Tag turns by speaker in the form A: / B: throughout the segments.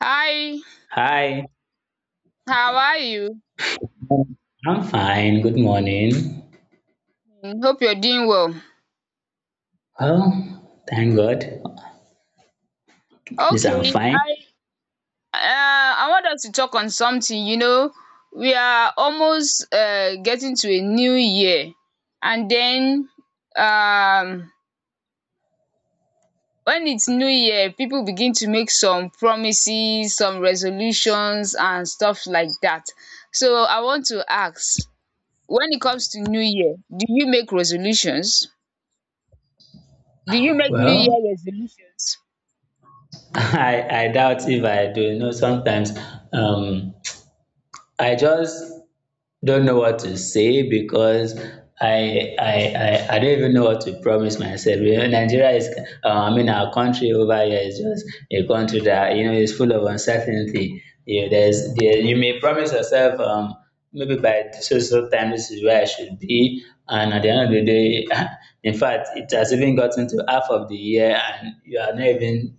A: Hi,
B: Hi,
A: how are you?
B: I'm fine. Good morning.
A: Mm, hope you're doing well.
B: Well, thank God. At least I'm
A: Okay,
B: fine.
A: I uh, I want us to talk on something. We are almost getting to a new year, and then um, when it's new year, people begin to make some promises, some resolutions, and stuff like that. So I want to ask, when it comes to new year, do you make resolutions? Do you make new
B: Well,
A: year resolutions?
B: I doubt if I do. You know, sometimes um, I just don't know what to say because I don't even know what to promise myself. You know, Nigeria is I mean our country over here is just a country that you know is full of uncertainty. You know, you may promise yourself maybe by so time this is where I should be, and at the end of the day, in fact, it has even gotten to half of the year, and you are not even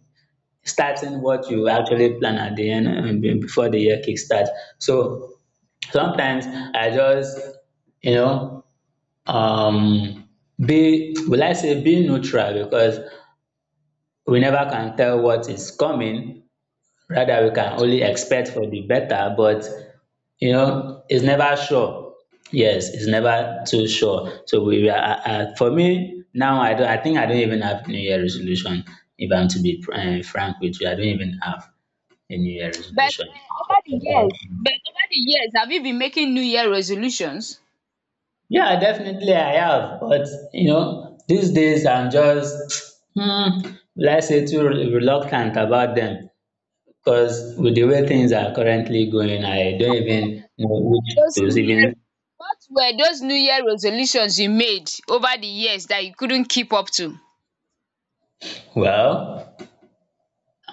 B: starting what you actually plan at the end before the year kickstart. So sometimes I just you know um be, will I say, be neutral because we never can tell what is coming. Rather, we can only expect for the better, but you know it's never sure. Yes, it's never too sure, so for me now, I don't, I think I don't even have New Year resolution. If I'm to be frank with you, I don't even have a New Year
A: But
B: resolution.
A: over the years but over the years have you been making new year resolutions?
B: Yeah, definitely I have, but you know, these days I'm just, hmm, let's say too reluctant about them, because with the way things are currently going, I don't even know which
A: Those
B: to
A: new year
B: even.
A: what were those new year resolutions you made over the years that you couldn't keep up to?
B: Well.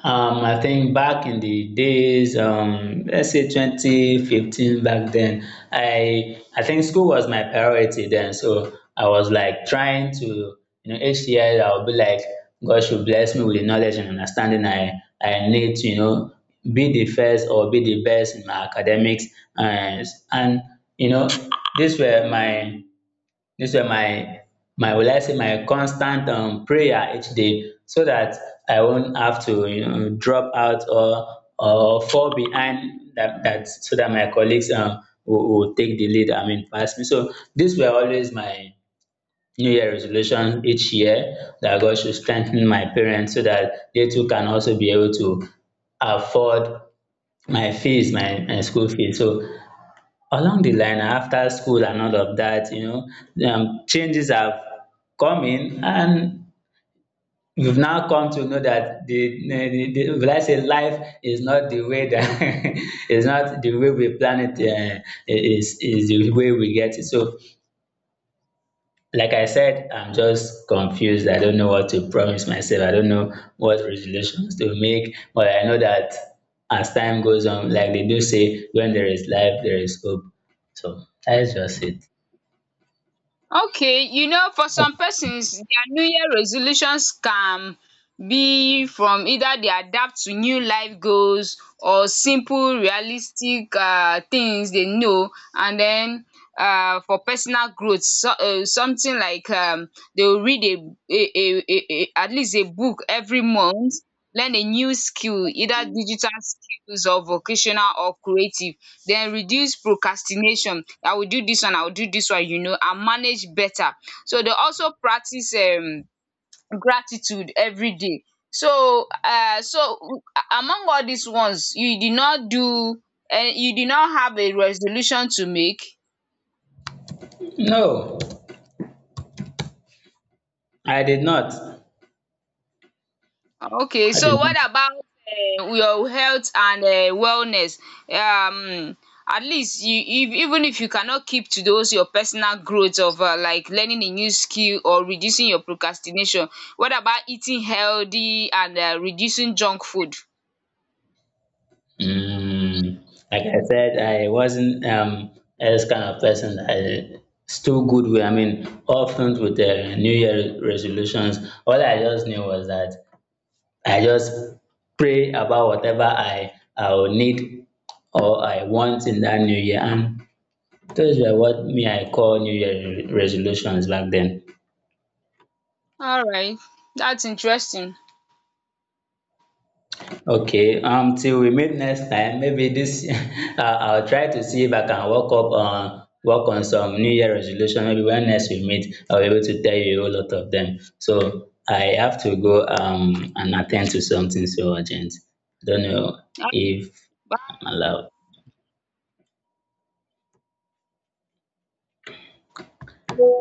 B: I think back in the days, let's say 2015 back then, I think school was my priority then. So I was like trying to, you know, each year I would be like, God should bless me with the knowledge and understanding I need to, you know, be the first or be the best in my academics, and and you know, these were my this were my my, will I say, my constant prayer each day, so that I won't have to, you know, drop out or fall behind, that that so that my colleagues will take the lead, I mean pass me. So dis were always my new year resolution each year, that God should strengthen my parents so that they too can also be able to afford my fees, my school fees. So along the line, after school and all of that, you know, changes have come in, and we've now come to know that the will I say life is not the way that is not the way we plan it, is the way we get it. So like I said, I'm just confused. I don't know what to promise myself. I don't know what resolutions to make, but I know that as time goes on, like they do say, when there is life, there is hope. So that is just it.
A: Okay, you know, for some persons, their New Year resolutions can be from either they adapt to new life goals or simple, realistic things they know, and then for personal growth, so, something like they'll read a at least a book every month, learn a new skill, either digital skills or vocational or creative. Then reduce procrastination, I will do dis one, I will do dis one, you know, and manage better. So dey also practice gratitude everyday. So among all dis ones you did not do, you did not have a resolution to make?
B: No, I did not.
A: Okay,
B: I did
A: so
B: not.
A: what about your health and wellness? Um, at least you, if, even if you cannot keep to those your personal growth of like learning a new skill or reducing your procrastination, what about eating healthy and reducing junk food?
B: Mm, like I said, I wasn't as kind of person that is too good with. I mean, often with the New Year resolutions, all I just knew was that I just pray about whatever I will need or I want in that New Year, and those were what me I call New Year resolutions back then.
A: All right, that's interesting.
B: Okay, um, till we meet next time, maybe this I'll try to see if I can work on some New Year resolution. Maybe when next we meet, I'll be able to tell you a whole lot of them. So I have to go and attend to something so urgent. I don't know if I'm allowed.